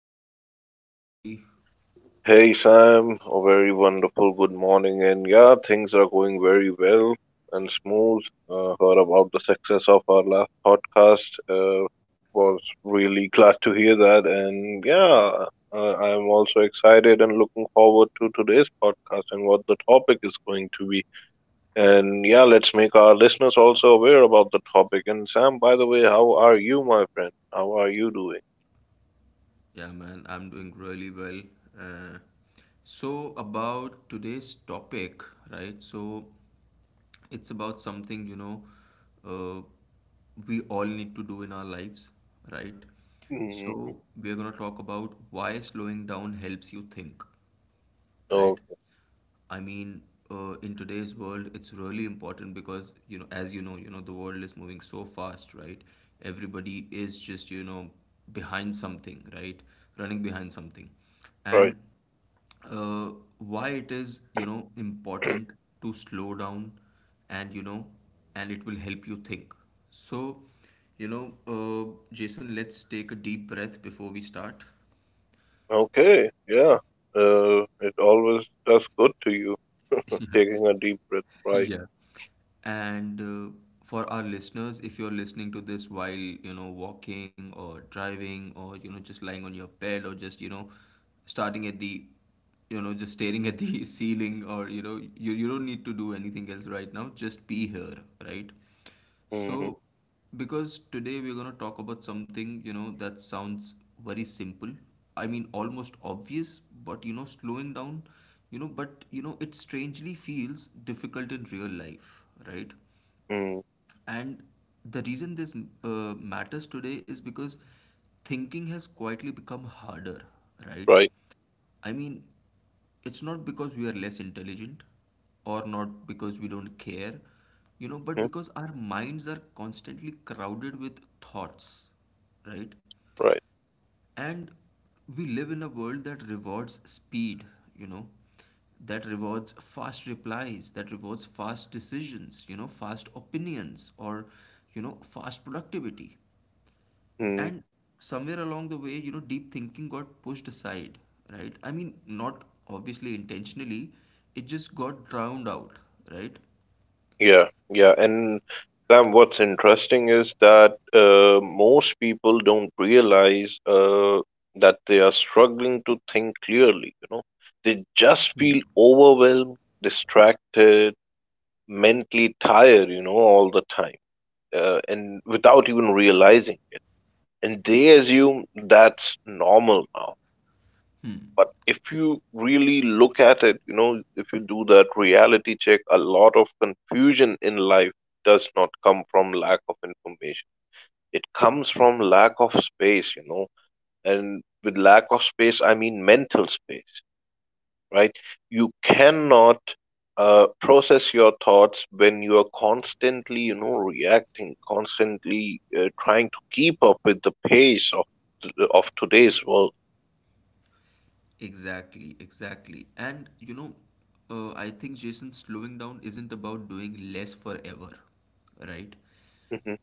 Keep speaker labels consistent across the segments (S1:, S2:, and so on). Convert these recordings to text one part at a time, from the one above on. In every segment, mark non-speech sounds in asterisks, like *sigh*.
S1: episode. How is it going, buddy?
S2: Hey Sam, a very wonderful good morning, and yeah, things are going very well and smooth. Heard about the success of our last podcast. Was really glad to hear that, and yeah, I'm also excited and looking forward to today's podcast and what the topic is going to be. And yeah, let's make our listeners also aware about the topic. And Sam, by the way, how are you, my friend? How are you doing?
S1: Yeah, man, I'm doing really well. Uh, about today's topic, right? So, it's about something, uh, we all need to do in our lives, right?
S2: Mm hmm.
S1: So, we're going to talk about why slowing down helps you think, right?
S2: Okay,
S1: I mean, in today's world, it's really important because, as you know, the world is moving so fast, right? Everybody is just, you know, behind something, right? Running behind something.
S2: right.
S1: And uh, why it is, you know, important to slow down and, you know, and it will help you think. So, Jason, let's take a deep breath before we start.
S2: Okay, yeah. It always does good to you. Taking a deep breath,
S1: *laughs*
S2: right?
S1: Yeah. And for our listeners, if you're listening to this while, you know, walking or driving or, you know, just lying on your bed or just, starting at the, you know, just staring at the *laughs* ceiling or, you know, you don't need to do anything else right now. Just be here, right?
S2: Mm-hmm.
S1: So, because today we're going to talk about something, you know, that sounds very simple. I mean, almost obvious, but you know, slowing down, you know, but you know, it strangely feels difficult in real life, right?
S2: Mm,
S1: And the reason this uh, matters today is because thinking has quietly become harder, right?
S2: right.
S1: I mean, it's not because we are less intelligent or not because we don't care, you know, but
S2: Mm,
S1: because our minds are constantly crowded with thoughts, right?
S2: right.
S1: And we live in a world that rewards speed, you know, that rewards fast replies, that rewards fast decisions, you know, fast opinions, or, you know, fast productivity.
S2: Mm,
S1: And somewhere along the way, you know, deep thinking got pushed aside, right? I mean, not obviously intentionally, it just got drowned out, right?
S2: yeah. Yeah. And Sam, what's interesting is that most people don't realize that they are struggling to think clearly. You know, they just feel overwhelmed, distracted, mentally tired. You know, all the time, and without even realizing, and they assume that's normal now. But if you really look at it, you know, if you do that reality check, a lot of confusion in life does not come from lack of information. It comes from lack of space, you know, and with lack of space, I mean mental space, right? You cannot process your thoughts when you are constantly, you know, reacting, constantly trying to keep up with the pace of of today's world.
S1: Exactly, exactly. And, I think Jason slowing down isn't about doing less forever, right?
S2: Mhm.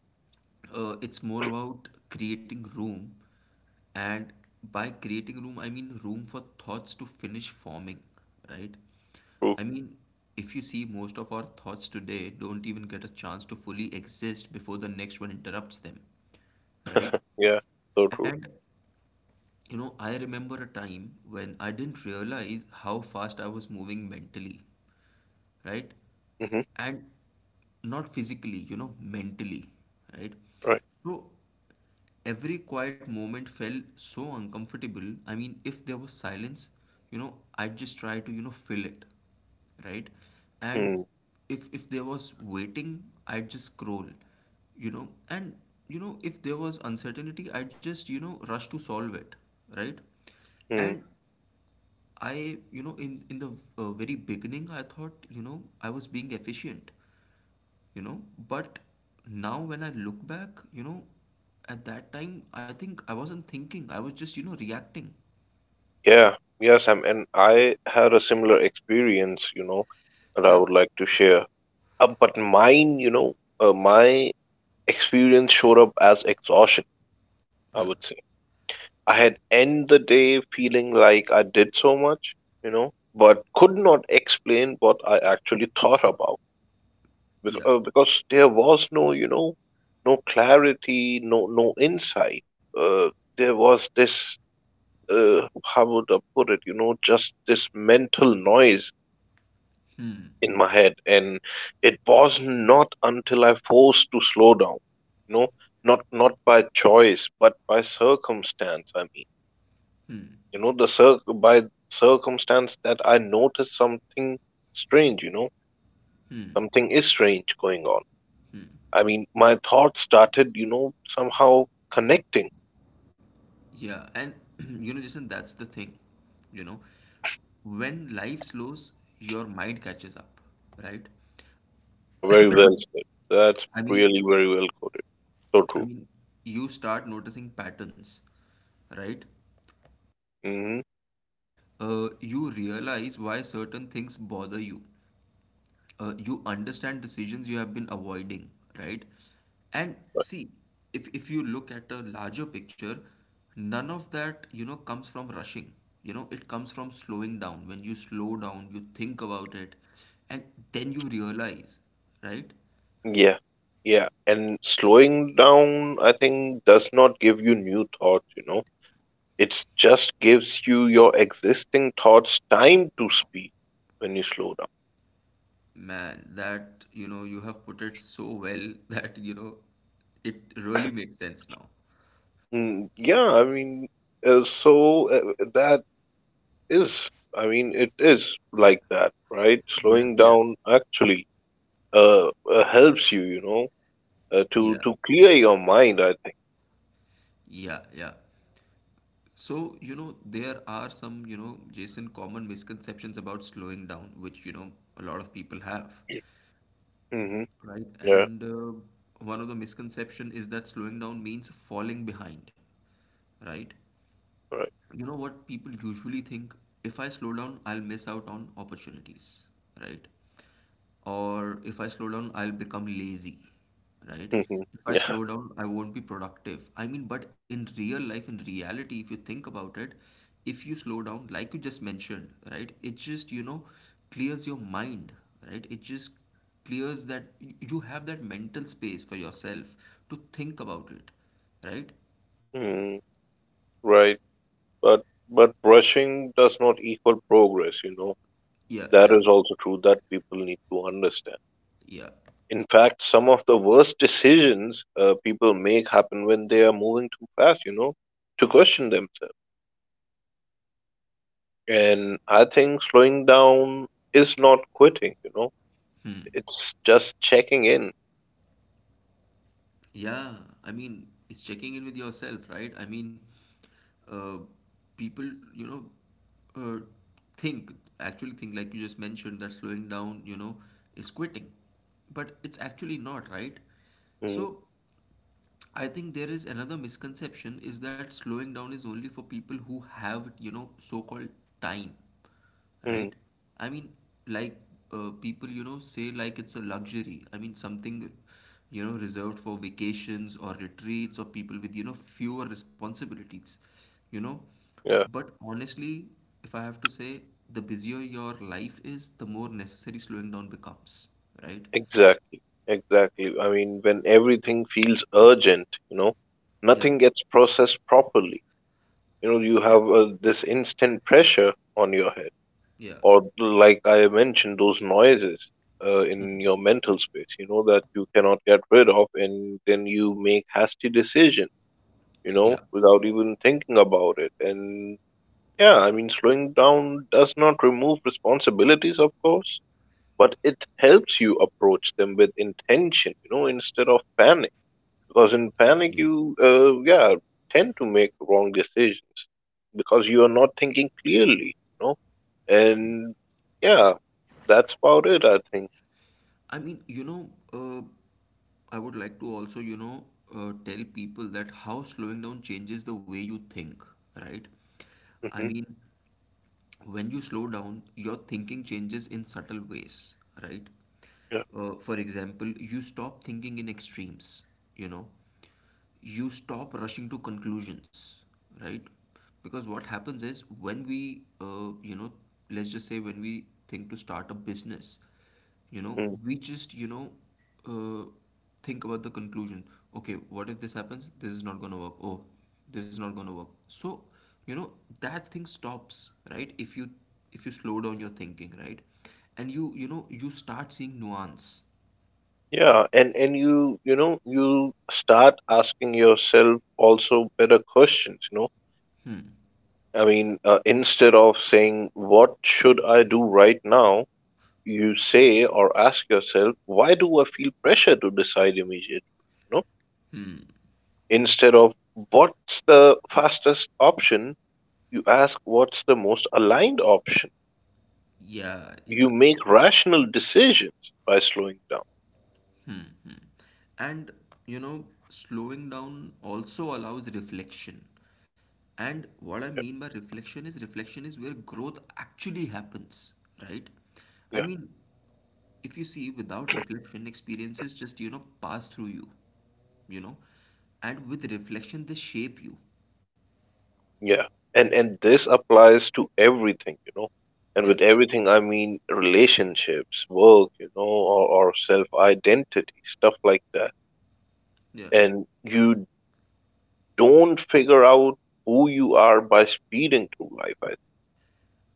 S1: It's more about creating room, and by creating room I mean room for thoughts to finish forming, right?
S2: True.
S1: I mean, if you see, most of our thoughts today don't even get a chance to fully exist before the next one interrupts them, right?
S2: Yeah. So true.
S1: And you know, I remember a time when I didn't realize how fast I was moving mentally, right?
S2: Hmm.
S1: And not physically, you know, mentally, right?
S2: Right.
S1: So every quiet moment felt so uncomfortable. I mean, if there was silence, you know, I'd just try to, you know, fill it, right? And
S2: Mm.
S1: if there was waiting, I'd just scroll, you know. And you know, if there was uncertainty, I'd just, you know, rush to solve it, right?
S2: Mm.
S1: And I, you know, in the very beginning, I thought, you know, I was being efficient, you know, but now when I look back, you know, at that time, I think I wasn't thinking. I was just, you know, reacting.
S2: Yeah. Yes. And I had a similar experience, you know, that I would
S1: Yeah.
S2: like to share. But mine, you know, my experience showed up as exhaustion. I would say I had end the day feeling like I did so much, you know, but could not explain what I actually *laughs* thought about
S1: Yeah.
S2: because there was no, you know, no clarity, no insight. Uh, there was this, how would I put it, you know, just this mental noise
S1: Hmm.
S2: in my head, and it was not until I forced to slow down, you know, not by choice, but by circumstance. I mean,
S1: Hmm.
S2: you know, the circumstance that I noticed something strange, you know,
S1: Hmm.
S2: something is strange going on. I mean, my thoughts started, you know, somehow connecting.
S1: Yeah. And *clears throat* you know, Jason, that's the thing, you know, when life slows, your mind catches up, right?
S2: Yeah, very well said. That's
S1: I mean,
S2: really very well quoted. So
S1: I
S2: true.
S1: mean, you start noticing patterns, right?
S2: Hmm.
S1: You realize why certain things bother you. You understand decisions you have been avoiding, right? And see, if you look at a larger picture, none of that, you know, comes from rushing. You know, it comes from slowing down. When you slow down, you think about it, and then you realize, right?
S2: Yeah, yeah. And slowing down, I think, does not give you new thoughts, you know. It just gives you your existing thoughts time to speak when you slow down.
S1: Man, that, you know, you have put it so well *laughs* that, you know, it really makes sense now.
S2: Mm, yeah, I mean, that is, I mean, it is like that, right?
S1: Yeah,
S2: Slowing
S1: yeah,
S2: down actually uh, helps you, you know, to
S1: yeah.
S2: clear your mind, I
S1: Yeah, yeah. So, you know, there are some, you know, Jason, common misconceptions about slowing down, which, you know, a lot of people have,
S2: think. Mm-hmm.
S1: right?
S2: Yeah,
S1: And one of the misconception is that slowing down means falling behind, right?
S2: right.
S1: You know what people usually think: if I slow down, I'll miss out on opportunities, right? Or if I slow down, I'll become lazy, right?
S2: Mm-hmm.
S1: If
S2: *laughs*
S1: I
S2: Yeah.
S1: slow down, I won't be productive. I mean, but in real life, in reality, if you think about it, if you slow down, like you just mentioned, right, it just, you know, clears your mind, right? It just clears that you have that mental space for yourself to think about it, right?
S2: Mm, right. But but rushing does not equal progress, you know.
S1: Yeah,
S2: That
S1: yeah,
S2: is also true that people need to understand.
S1: yeah.
S2: In fact, some of the worst decisions people make happen when they are moving too fast, you know, to question themselves. And I think slowing down is not quitting, you know, it's just checking in.
S1: Yeah, I mean, it's checking in with yourself, right? I mean, uh, people, you know, uh, think, actually think, like you just mentioned, that slowing down, you know, is quitting. But it's actually not, right?
S2: Mm.
S1: So I think there is another misconception is that slowing down is only for people who have, you know, so-called time,
S2: Mm.
S1: right? I mean, like people, you know, say like it's a luxury. I mean, something, you know, reserved for vacations or retreats or people with, you know, fewer responsibilities, you know.
S2: Yeah,
S1: But honestly, if I have to say, the busier your life is, the more necessary slowing down becomes, right?
S2: exactly. Exactly. I mean, when everything feels urgent, you know,
S1: Yeah,
S2: nothing gets processed properly. You know, you
S1: yeah,
S2: have this instant pressure on your head,
S1: yeah,
S2: or like I mentioned, those noises in your mental space, you know, that you cannot get rid of, and then you make hasty decisions, you
S1: yeah,
S2: know, without even thinking about it. And yeah, I mean, slowing down does not remove responsibilities, of course, but it helps you approach them with intention, you know, instead of panic. Because in panic,
S1: yeah.
S2: you, yeah, tend to make wrong decisions because you are not thinking clearly, you know? And yeah, that's about it, I think.
S1: I mean, I would like to also, tell people that how slowing down changes the way you think, right? I
S2: Hmm.
S1: mean, when you slow down, your thinking changes in subtle ways, right?
S2: Yeah.
S1: For example, you stop thinking in extremes, you know, you stop rushing to conclusions, right? Because what happens is when we you know, let's just say when we think to start a business, you know,
S2: Mm.
S1: we just, you know, uh, think about the conclusion. Okay, what if this happens, this is not going to work, oh, this is not going to work. So, you know, that thing stops, right? If you slow down your thinking, right, and you know, you start seeing nuance.
S2: Yeah, and you know you start asking yourself also better questions, you know. I mean, instead of saying what should I do right now, you say or ask yourself, why do I feel pressure to decide immediately? You know, instead of what's the fastest option, you ask what's the most aligned option.
S1: Yeah,
S2: You
S1: yeah.
S2: make rational decisions by slowing down.
S1: And you know, slowing down also allows reflection. And what I
S2: Yeah,
S1: mean by reflection is where growth actually happens, right? I
S2: yeah,
S1: mean, if you see, without reflection, experiences just, you know, pass through you, you know, and with reflection, they shape you.
S2: yeah. And this applies to everything, you know. And
S1: Yeah,
S2: with everything, I mean relationships, work, you know, or self identity, stuff like that.
S1: yeah,
S2: And you don't figure out who you are by speeding through life. I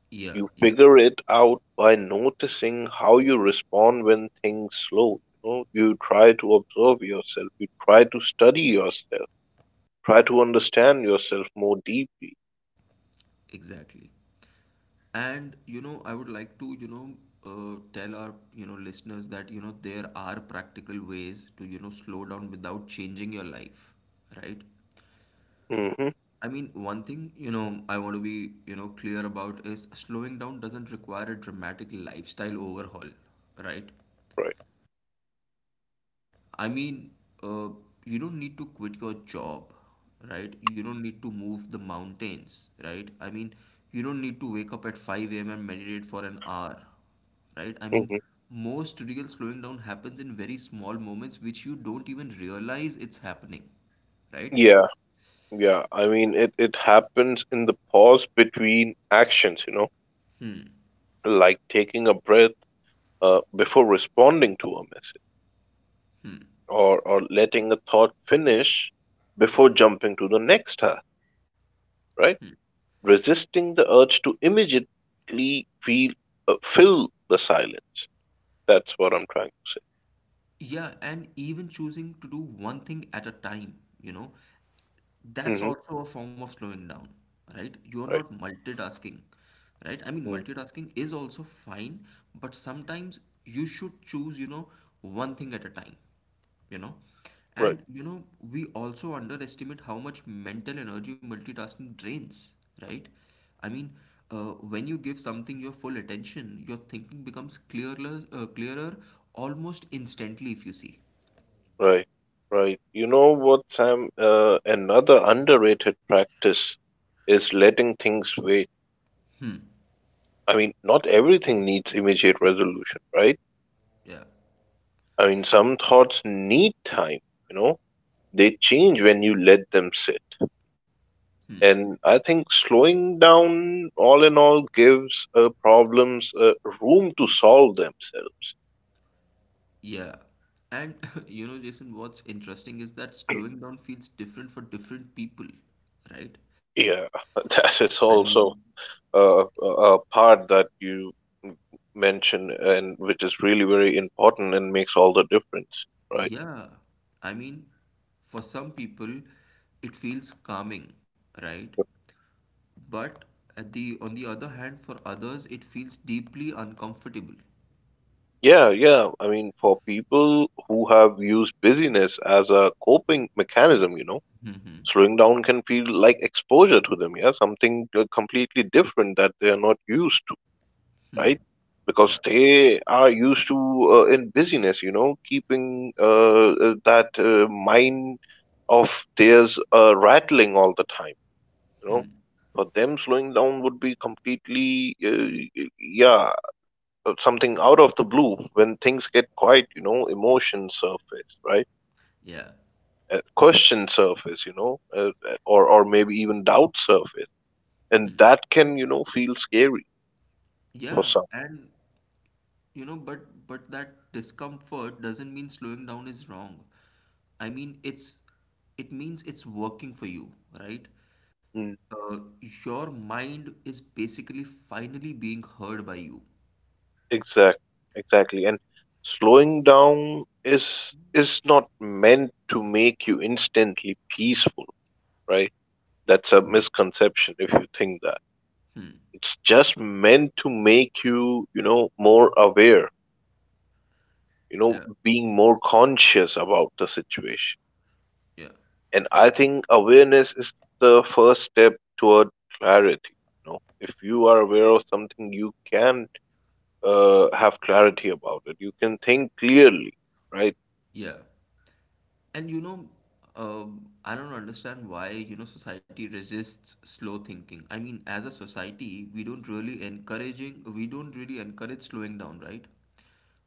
S1: yeah,
S2: You
S1: yeah,
S2: figure it out by noticing how you respond when things slow. You know, you try to observe yourself. You try to study yourself. Try to understand yourself more deeply.
S1: exactly. And you know, I would like to, tell our, you know, listeners that, you know, there are practical ways to, you know, slow down without changing your life, right?
S2: Hmm.
S1: I mean, one thing, you know, I want to be, you know, clear about is slowing down doesn't require a dramatic lifestyle overhaul, right?
S2: Right.
S1: I mean, uh, you don't need to quit your job, right? You don't need to move the mountains, right? I mean, you don't need to wake up at 5 a.m. and meditate for an hour, right? I mean,
S2: Hmm.
S1: most real slowing down happens in very small moments which you don't even realize it's happening, right?
S2: Yeah, yeah. I mean, it happens in the pause between actions, you know, like taking a breath before responding to a message or letting a thought finish before jumping to the next task, right? Resisting the urge to immediately feel fill the silence. That's what I'm trying to
S1: Yeah, and even choosing to do one thing at a time, you know.
S2: say.
S1: That's
S2: Mm-hmm.
S1: also a form of slowing down, right? You're not
S2: Right.
S1: multitasking, right? I mean,
S2: Mm.
S1: multitasking is also fine, but sometimes you should choose, you know, one thing at a time, you know.
S2: Right.
S1: And you know, we also underestimate how much mental energy multitasking drains, right? I mean, when you give something your full attention, your thinking becomes clearer almost instantly if you see.
S2: Right. Right. You know what, Sam? Another underrated practice is letting things wait. I mean, not everything needs immediate resolution, right?
S1: Yeah.
S2: I mean, some thoughts need time, you know? They change when you let them sit. And I think slowing down, all in all, gives problems room to solve themselves.
S1: Yeah. And *laughs* you know, Jason, what's interesting is that slowing down feels different for different people, right?
S2: Yeah, *laughs*
S1: I
S2: that
S1: mean,
S2: is also a, a part that you m- mention and which is really very important and makes all the difference, right?
S1: yeah. I mean, for some people, it feels calming, right? But at the on the other hand, for others, it feels deeply uncomfortable. *laughs*
S2: Yeah, yeah. I mean, for people who have used busyness as a coping mechanism, you know,
S1: Mm-hmm.
S2: slowing down can feel like exposure to them, yeah, something completely different that they are not used, right? Because
S1: Yeah.
S2: they are used to in busyness, you know, keeping that mind of theirs rattling all the time, you know. For them, slowing down would be completely, yeah, something out of the blue when things get quiet, you know, emotions surface, right?
S1: Yeah.
S2: Questions surface, you know, or maybe even doubt surface, and that can, you know, feel scary for
S1: Yeah.
S2: some.
S1: And you know, but that discomfort doesn't mean slowing down is wrong. I mean, it's, it means it's working for you, right?
S2: Hmm.
S1: Uh, your mind is basically finally being heard by you.
S2: Exact, exactly. And slowing down is not meant to make you instantly peaceful, right? That's a misconception if you think that. It's just meant to make you, you know, more aware, you know,
S1: Yeah,
S2: being more conscious about the situation.
S1: yeah,
S2: And I think awareness is the first step toward clarity. You know, if you are aware of something, you can have clarity about it. You can think clearly, right?
S1: yeah. And you know, I don't understand why, you know, society resists slow thinking. I mean, as a society, we don't really encourage slowing down, right?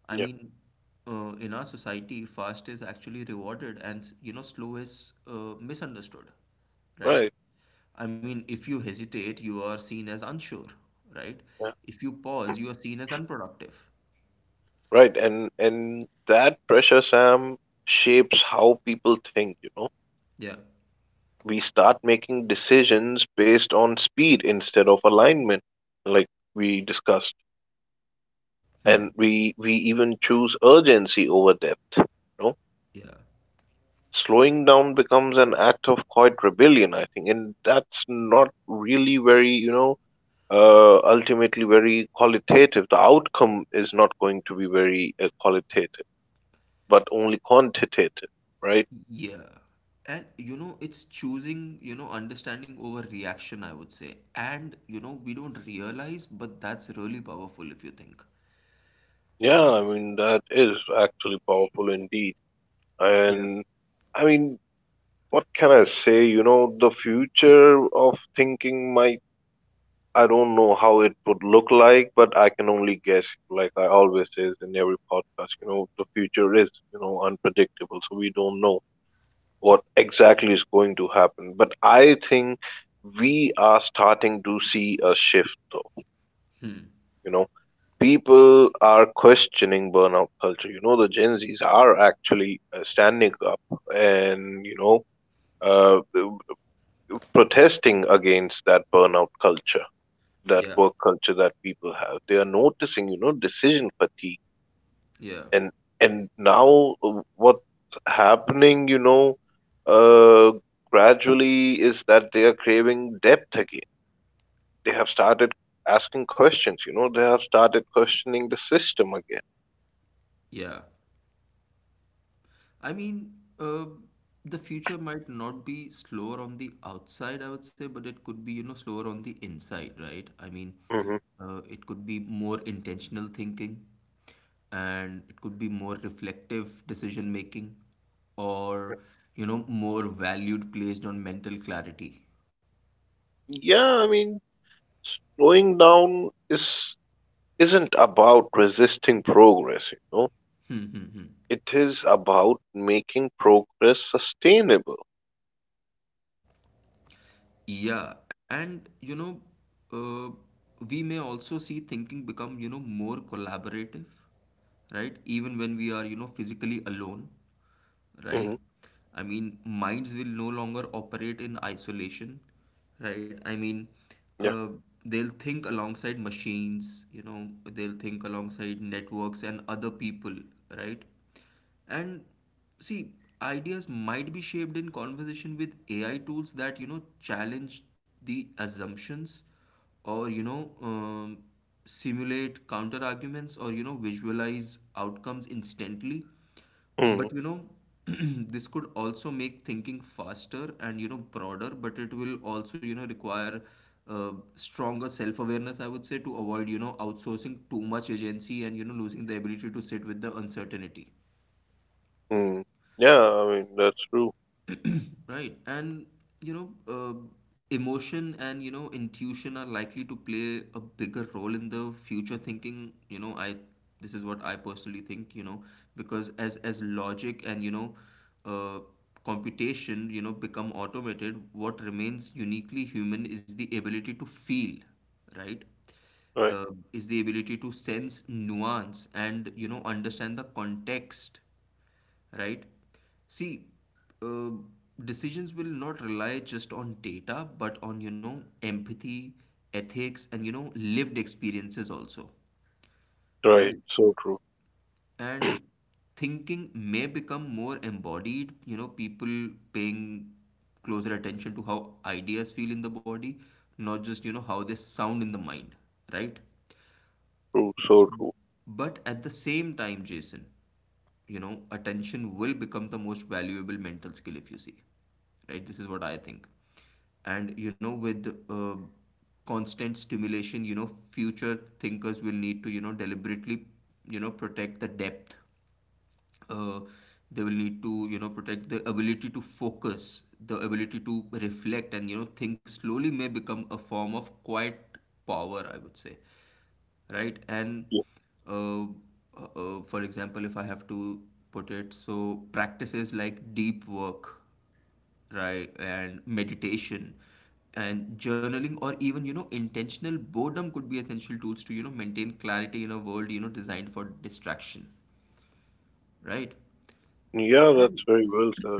S1: I mean, in our society, fast is actually rewarded and, you know, slow is misunderstood,
S2: Right.
S1: right? I mean, if you hesitate, you are seen as unsure, right?
S2: Yeah.
S1: If you pause, you are seen as unproductive.
S2: Right. And that pressure, Sam, shapes how people think, you know.
S1: Yeah.
S2: We start making decisions based on speed instead of alignment, like we discussed. And
S1: Hmm.
S2: we even choose urgency over depth. You know?
S1: Yeah.
S2: Slowing down becomes an act of quiet rebellion, I think, and that's not really very, you know, ultimately very qualitative. The outcome is not going to be very qualitative, but only quantitative, right?
S1: Yeah. And you know, it's choosing, you know, understanding over reaction, I would say. And you know, we don't realize, but that's really powerful if you think.
S2: Yeah, I mean, that is actually powerful indeed. And I mean, what can I say? You know, the future of thinking might, I don't know how it would look like, but I can only guess, like I always says in every podcast, you know, the future is, you know, unpredictable. So we don't know what exactly is going to happen. But I think we are starting to see a shift, though,
S1: Hmm.
S2: you know. People are questioning burnout culture. You know, the Gen Zs are actually standing up and, you know, uh, protesting against that burnout culture, that
S1: Yeah.
S2: work culture that people have. They are noticing, you know, decision fatigue.
S1: Yeah.
S2: And, and now what's happening, you know, uh, gradually is that they are craving depth again. They have started asking questions, you know, they have started questioning the system again.
S1: Yeah. I mean, uh, the future might not be slower on the outside, I would say, but it could be, you know, slower on the inside, right? I mean,
S2: Hmm.
S1: it could be more intentional thinking, and it could be more reflective decision making, or, you know, more valued placed on mental clarity.
S2: Yeah, I mean, slowing down is isn't about resisting progress, you know.
S1: *laughs*
S2: It is about making progress sustainable.
S1: Yeah, and you know, uh, we may also see thinking become, you know, more collaborative, right? Even when we are, you know, physically alone, right?
S2: Hmm.
S1: I mean, minds will no longer operate in isolation, right? I mean,
S2: Yeah.
S1: uh, they'll think alongside machines, you know, they'll think alongside networks and other people, right? And see, ideas might be shaped in conversation with AI tools that, you know, challenge the assumptions or simulate counter arguments or, you know, visualize outcomes instantly.
S2: Hmm.
S1: But you know, *clears throat* this could also make thinking faster and you know broader, but it will also you know require stronger self-awareness, I would say, to avoid you know outsourcing too much agency and you know losing the ability to sit with the uncertainty.
S2: Hmm. Yeah, I mean, that's true.
S1: Right. And, you know, uh, emotion and, you know, intuition are likely to play a bigger role in the future thinking. This is what I personally think, you know, because as logic and, you know, uh, computation, you know, become automated, what remains uniquely human is the ability to feel, right?
S2: Right.
S1: Uh, is the ability to sense nuance and, you know, understand the context right? See, uh, decisions will not rely just on data, but on, you know, empathy, ethics, and, you know, lived experiences also,
S2: Right.
S1: right?
S2: So true.
S1: And thinking may become more embodied, you know, people paying closer attention to how ideas feel in the body, not just, you know, how they sound in the mind, right?
S2: True. So true.
S1: But at the same time, Jason, you know attention will become the most valuable mental skill if you see right this is what I think and you know with constant stimulation you know future thinkers will need to you know deliberately you know protect the depth uh, they will need to you know protect the ability to focus the ability to reflect and you know think slowly may become a form of quiet power I would say right? And
S2: Yeah.
S1: uh, for example, if I have to put it, so practices like deep work, right, and meditation and journaling or even you know intentional boredom could be essential tools to you know maintain clarity in a world you know designed for distraction right
S2: Yeah, that's
S1: and
S2: very well said.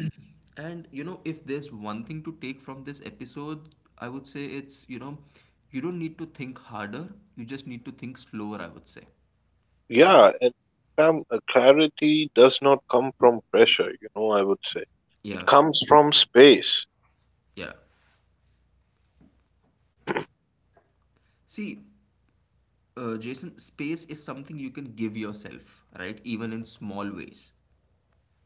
S1: and you know if there's one thing to take from this episode I would say it's you know you don't need to think harder you just need to think slower I would say.
S2: Yeah, and clarity does not come from pressure, you know, I would say. It
S1: Yeah,
S2: comes from space.
S1: yeah. See, Jason, space is something you can give yourself, right? Even in small ways.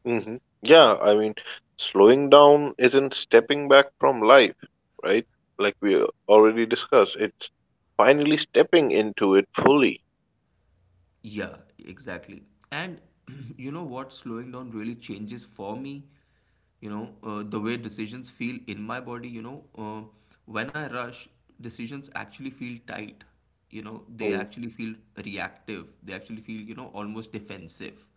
S2: Hmm. Yeah, I mean, slowing down isn't stepping back from life, right? Like we already discussed, it's finally stepping into it fully.
S1: Yeah, exactly. And *clears throat* you know what? Slowing down really changes for me, you know, the way decisions feel in my body, you know. When I rush, decisions actually feel tight, you know, they
S2: Mm.
S1: actually feel reactive, they actually feel, you know, almost defensive.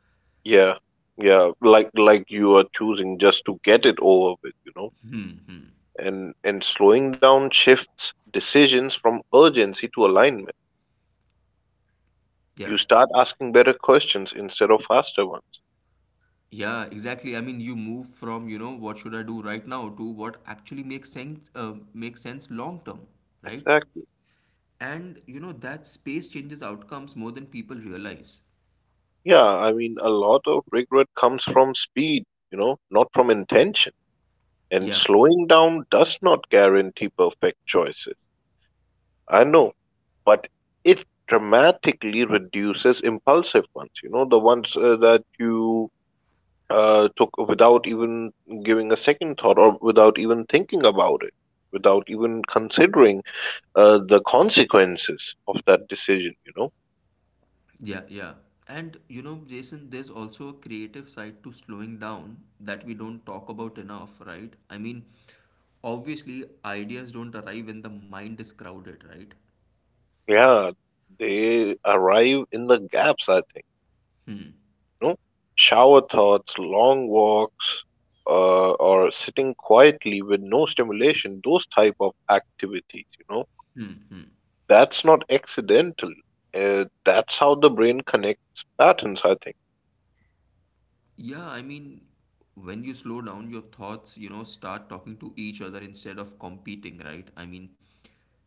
S2: Yeah, yeah, like you are choosing just to get it over with, you know.
S1: Hmm, hmm.
S2: And slowing down shifts decisions from urgency to alignment.
S1: Yeah.
S2: You start asking better questions instead of faster ones.
S1: Yeah, exactly. I mean, you move from, you know, what should I do right now to what actually makes sense long term, right?
S2: Exactly.
S1: And you know, that space changes outcomes more than people realize.
S2: Yeah, I mean, a lot of regret comes from speed, you know, not from intention. And
S1: Yeah,
S2: slowing down does not guarantee perfect choices. I know, but it dramatically reduces impulsive ones. You know, the ones that you took without even giving a second thought or without even thinking about it, without even considering the consequences of that decision, you know?
S1: yeah, yeah. And you know, Jason, there's also a creative side to slowing down that we don't talk about enough, right? I mean, obviously, ideas don't arrive when the mind is crowded, right?
S2: Yeah, they arrive in the gaps, I think,
S1: Hmm.
S2: you know, shower thoughts, long walks, or sitting quietly with no stimulation, those type of activities, you know,
S1: Hmm. hmm.
S2: that's not accidental. That's how the brain connects patterns, I think.
S1: Yeah, I mean, when you slow down, your thoughts, you know, start talking to each other instead of competing, right? I mean,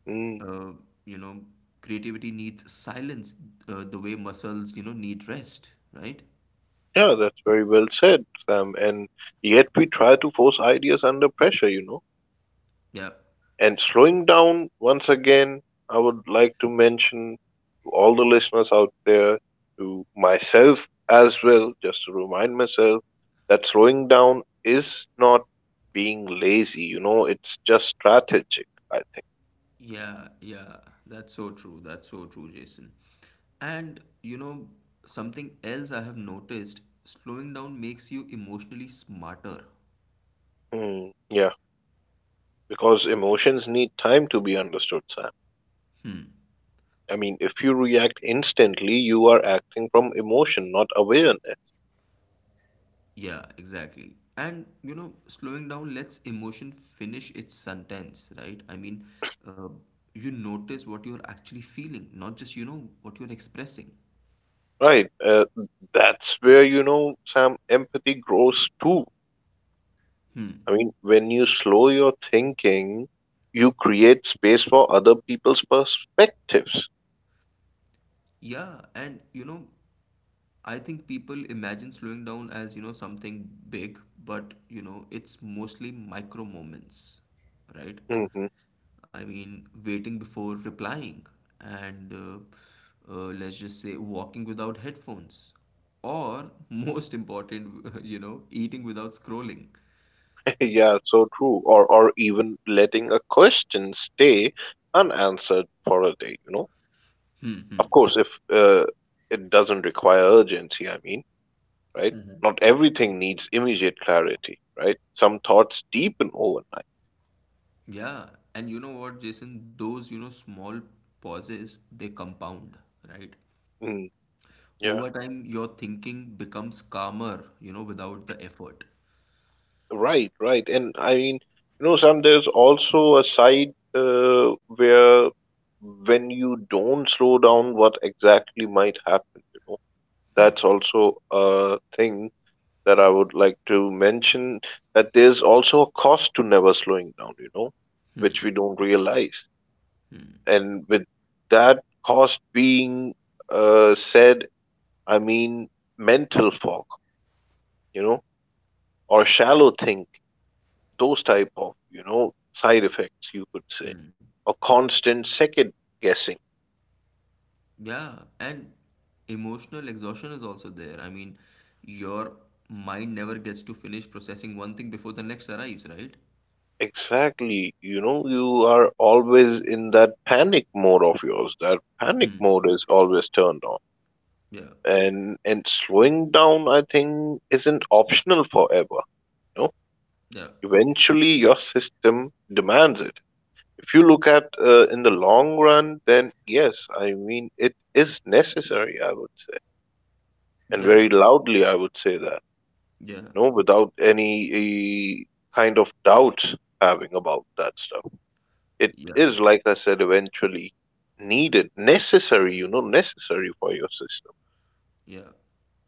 S2: Mm,
S1: uh, you know, creativity needs silence, the way muscles, you know, need rest, right?
S2: yeah, that's very well said, Sam. And yet we try to force ideas under pressure, you know.
S1: Yeah,
S2: And slowing down once again, I would like to mention to all the listeners out there, to myself as well, just to remind myself that slowing down is not being lazy, you know, it's just strategic, I think.
S1: yeah, yeah. That's so true. That's so true, Jason. And, you know, something else I have noticed, slowing down makes you emotionally smarter.
S2: Hmm, yeah, because emotions need time to be understood, Sam.
S1: Hmm.
S2: I mean, if you react instantly, you are acting from emotion, not awareness.
S1: Yeah, exactly. And you know, slowing down lets emotion finish its sentence, right? I mean, uh, you notice what you're actually feeling, not just, you know, what you're expressing.
S2: Right. That's where, you know, Sam, empathy grows too.
S1: Hmm.
S2: I mean, when you slow your thinking, you create space for other people's perspectives.
S1: Yeah, and you know, I think people imagine slowing down as, you know, something big, but you know, it's mostly micro moments, right?
S2: Hmm.
S1: I mean, waiting before replying, and let's just say walking without headphones, or most important, *laughs* you know, eating without scrolling.
S2: *laughs* Yeah, so true. Or even letting a question stay unanswered for a day, you know?
S1: Hmm.
S2: Of
S1: hmm.
S2: course, if uh, it doesn't require urgency, I mean, right? Not everything needs immediate clarity, right? Some thoughts deepen overnight.
S1: Yeah, and you know what, Jason? Those, you know, small pauses, they compound, right?
S2: Mm, yeah.
S1: Over time, your thinking becomes calmer, you know, without the effort.
S2: Right, right. And I mean, you know, Sam, there's also a side where when you don't slow down, what exactly might happen, you know. That's also a thing that I would like to mention that there's also a cost to never slowing down, you know, which we
S1: Hmm.
S2: don't realize.
S1: Hmm.
S2: And with that cost being said, I mean mental fog, you know, or shallow thinking, those type of, you know, side effects you could say,
S1: Hmm.
S2: or constant second guessing,
S1: Yeah, and emotional exhaustion is also there. I mean, your mind never gets to finish processing one thing before the next arrives, right?
S2: exactly, you know, you are always in that panic mode of yours. That panic
S1: Hmm.
S2: mode is always turned on.
S1: Yeah.
S2: And slowing down, I think, isn't optional forever, you know,
S1: Yeah.
S2: eventually your system demands it. If you look at in the long run, then yes, I mean it is necessary, I would say, and
S1: Yeah.
S2: very loudly I would say that,
S1: Yeah.
S2: you know, without any kind of doubts having about that stuff. It
S1: Yeah.
S2: is, like I said, eventually needed, necessary, you know, necessary for your system.
S1: Yeah.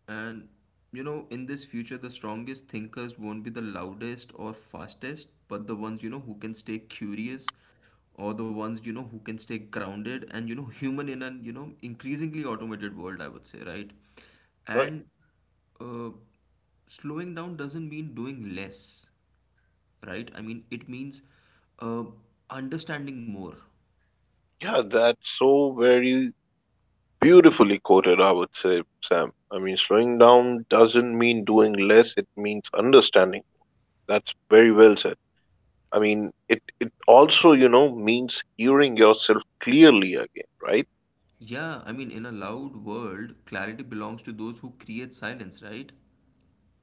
S1: And you know, in this future, the strongest thinkers won't be the loudest or fastest, but the ones, you know, who can stay curious or the ones, you know, who can stay grounded and, you know, *laughs* human in an, you know, increasingly automated world, I would say, right?
S2: Right.
S1: And uh, slowing down doesn't mean doing less, right? I mean, it means uh, understanding more.
S2: Yeah, that's so very beautifully quoted, I would say, Sam. I mean, slowing down doesn't mean doing less, it means understanding more. That's very well said. I mean, it also, you know, means hearing yourself clearly again, right?
S1: Yeah, I mean, in a loud world, clarity belongs to those who create silence, right?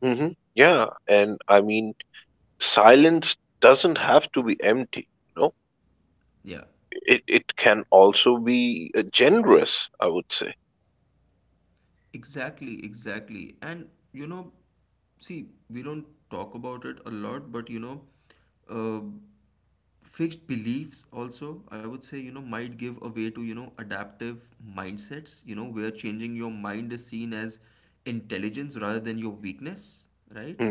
S2: Hmm. Yeah, and I mean, silence doesn't have to be empty, you know.
S1: Yeah.
S2: It can also be generous, I would say.
S1: Exactly, exactly. And you know, see, we don't talk about it a lot, but you know, uh, fixed beliefs also, I would say, you know, might give a way to, you know, adaptive mindsets, you know, where changing your mind is seen as intelligence rather than your weakness, right?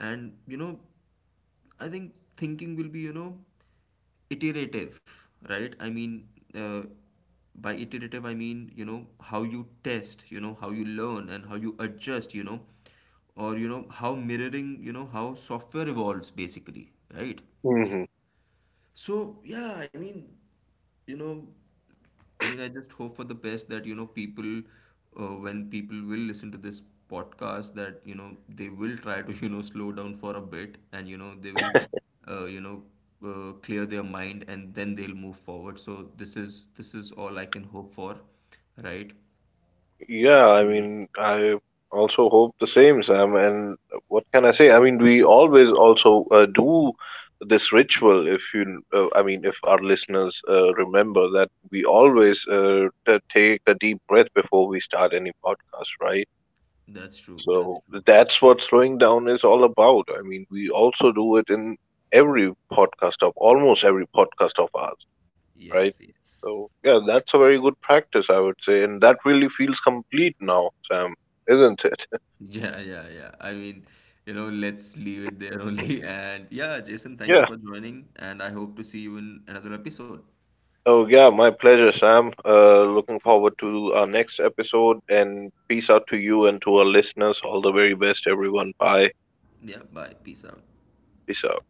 S1: And, you know, I think thinking will be, you know, iterative right I mean uh, by iterative I mean you know how you test you know how you learn and how you adjust you know or you know how mirroring you know how software evolves basically right
S2: Mm-hmm.
S1: so yeah, I mean, you know, I mean, I just hope for the best that you know people, when people will listen to this podcast, that you know they will try to *laughs* you know slow down for a bit, and you know they will, uh, you know, clear their mind, and then they'll move forward. So this is all I can hope for, right?
S2: Yeah, I
S1: So
S2: mean, I also hope the same, Sam. And what can I say? I mean, we always also do this ritual. If you, I mean, if our listeners remember that we always take a deep breath before we start any podcast, right?
S1: that's true. That's
S2: So
S1: true.
S2: that's what slowing down is all about. I mean, we also do it in every podcast of almost every podcast of ours, right?
S1: Yes. Yes.
S2: So yeah, that's a very good practice, I would say, and that really feels complete now, Sam, isn't it? *laughs*
S1: Yeah, yeah, yeah. I mean, you know, let's leave it there only. *laughs* And yeah, Jason, thank
S2: Yeah.
S1: you for joining, and I hope to see you in another episode.
S2: Oh yeah, my pleasure, Sam. Looking forward to our next episode, and peace out to you and to our listeners. All the very best, everyone. Bye.
S1: Yeah, bye. Peace out.
S2: Peace out.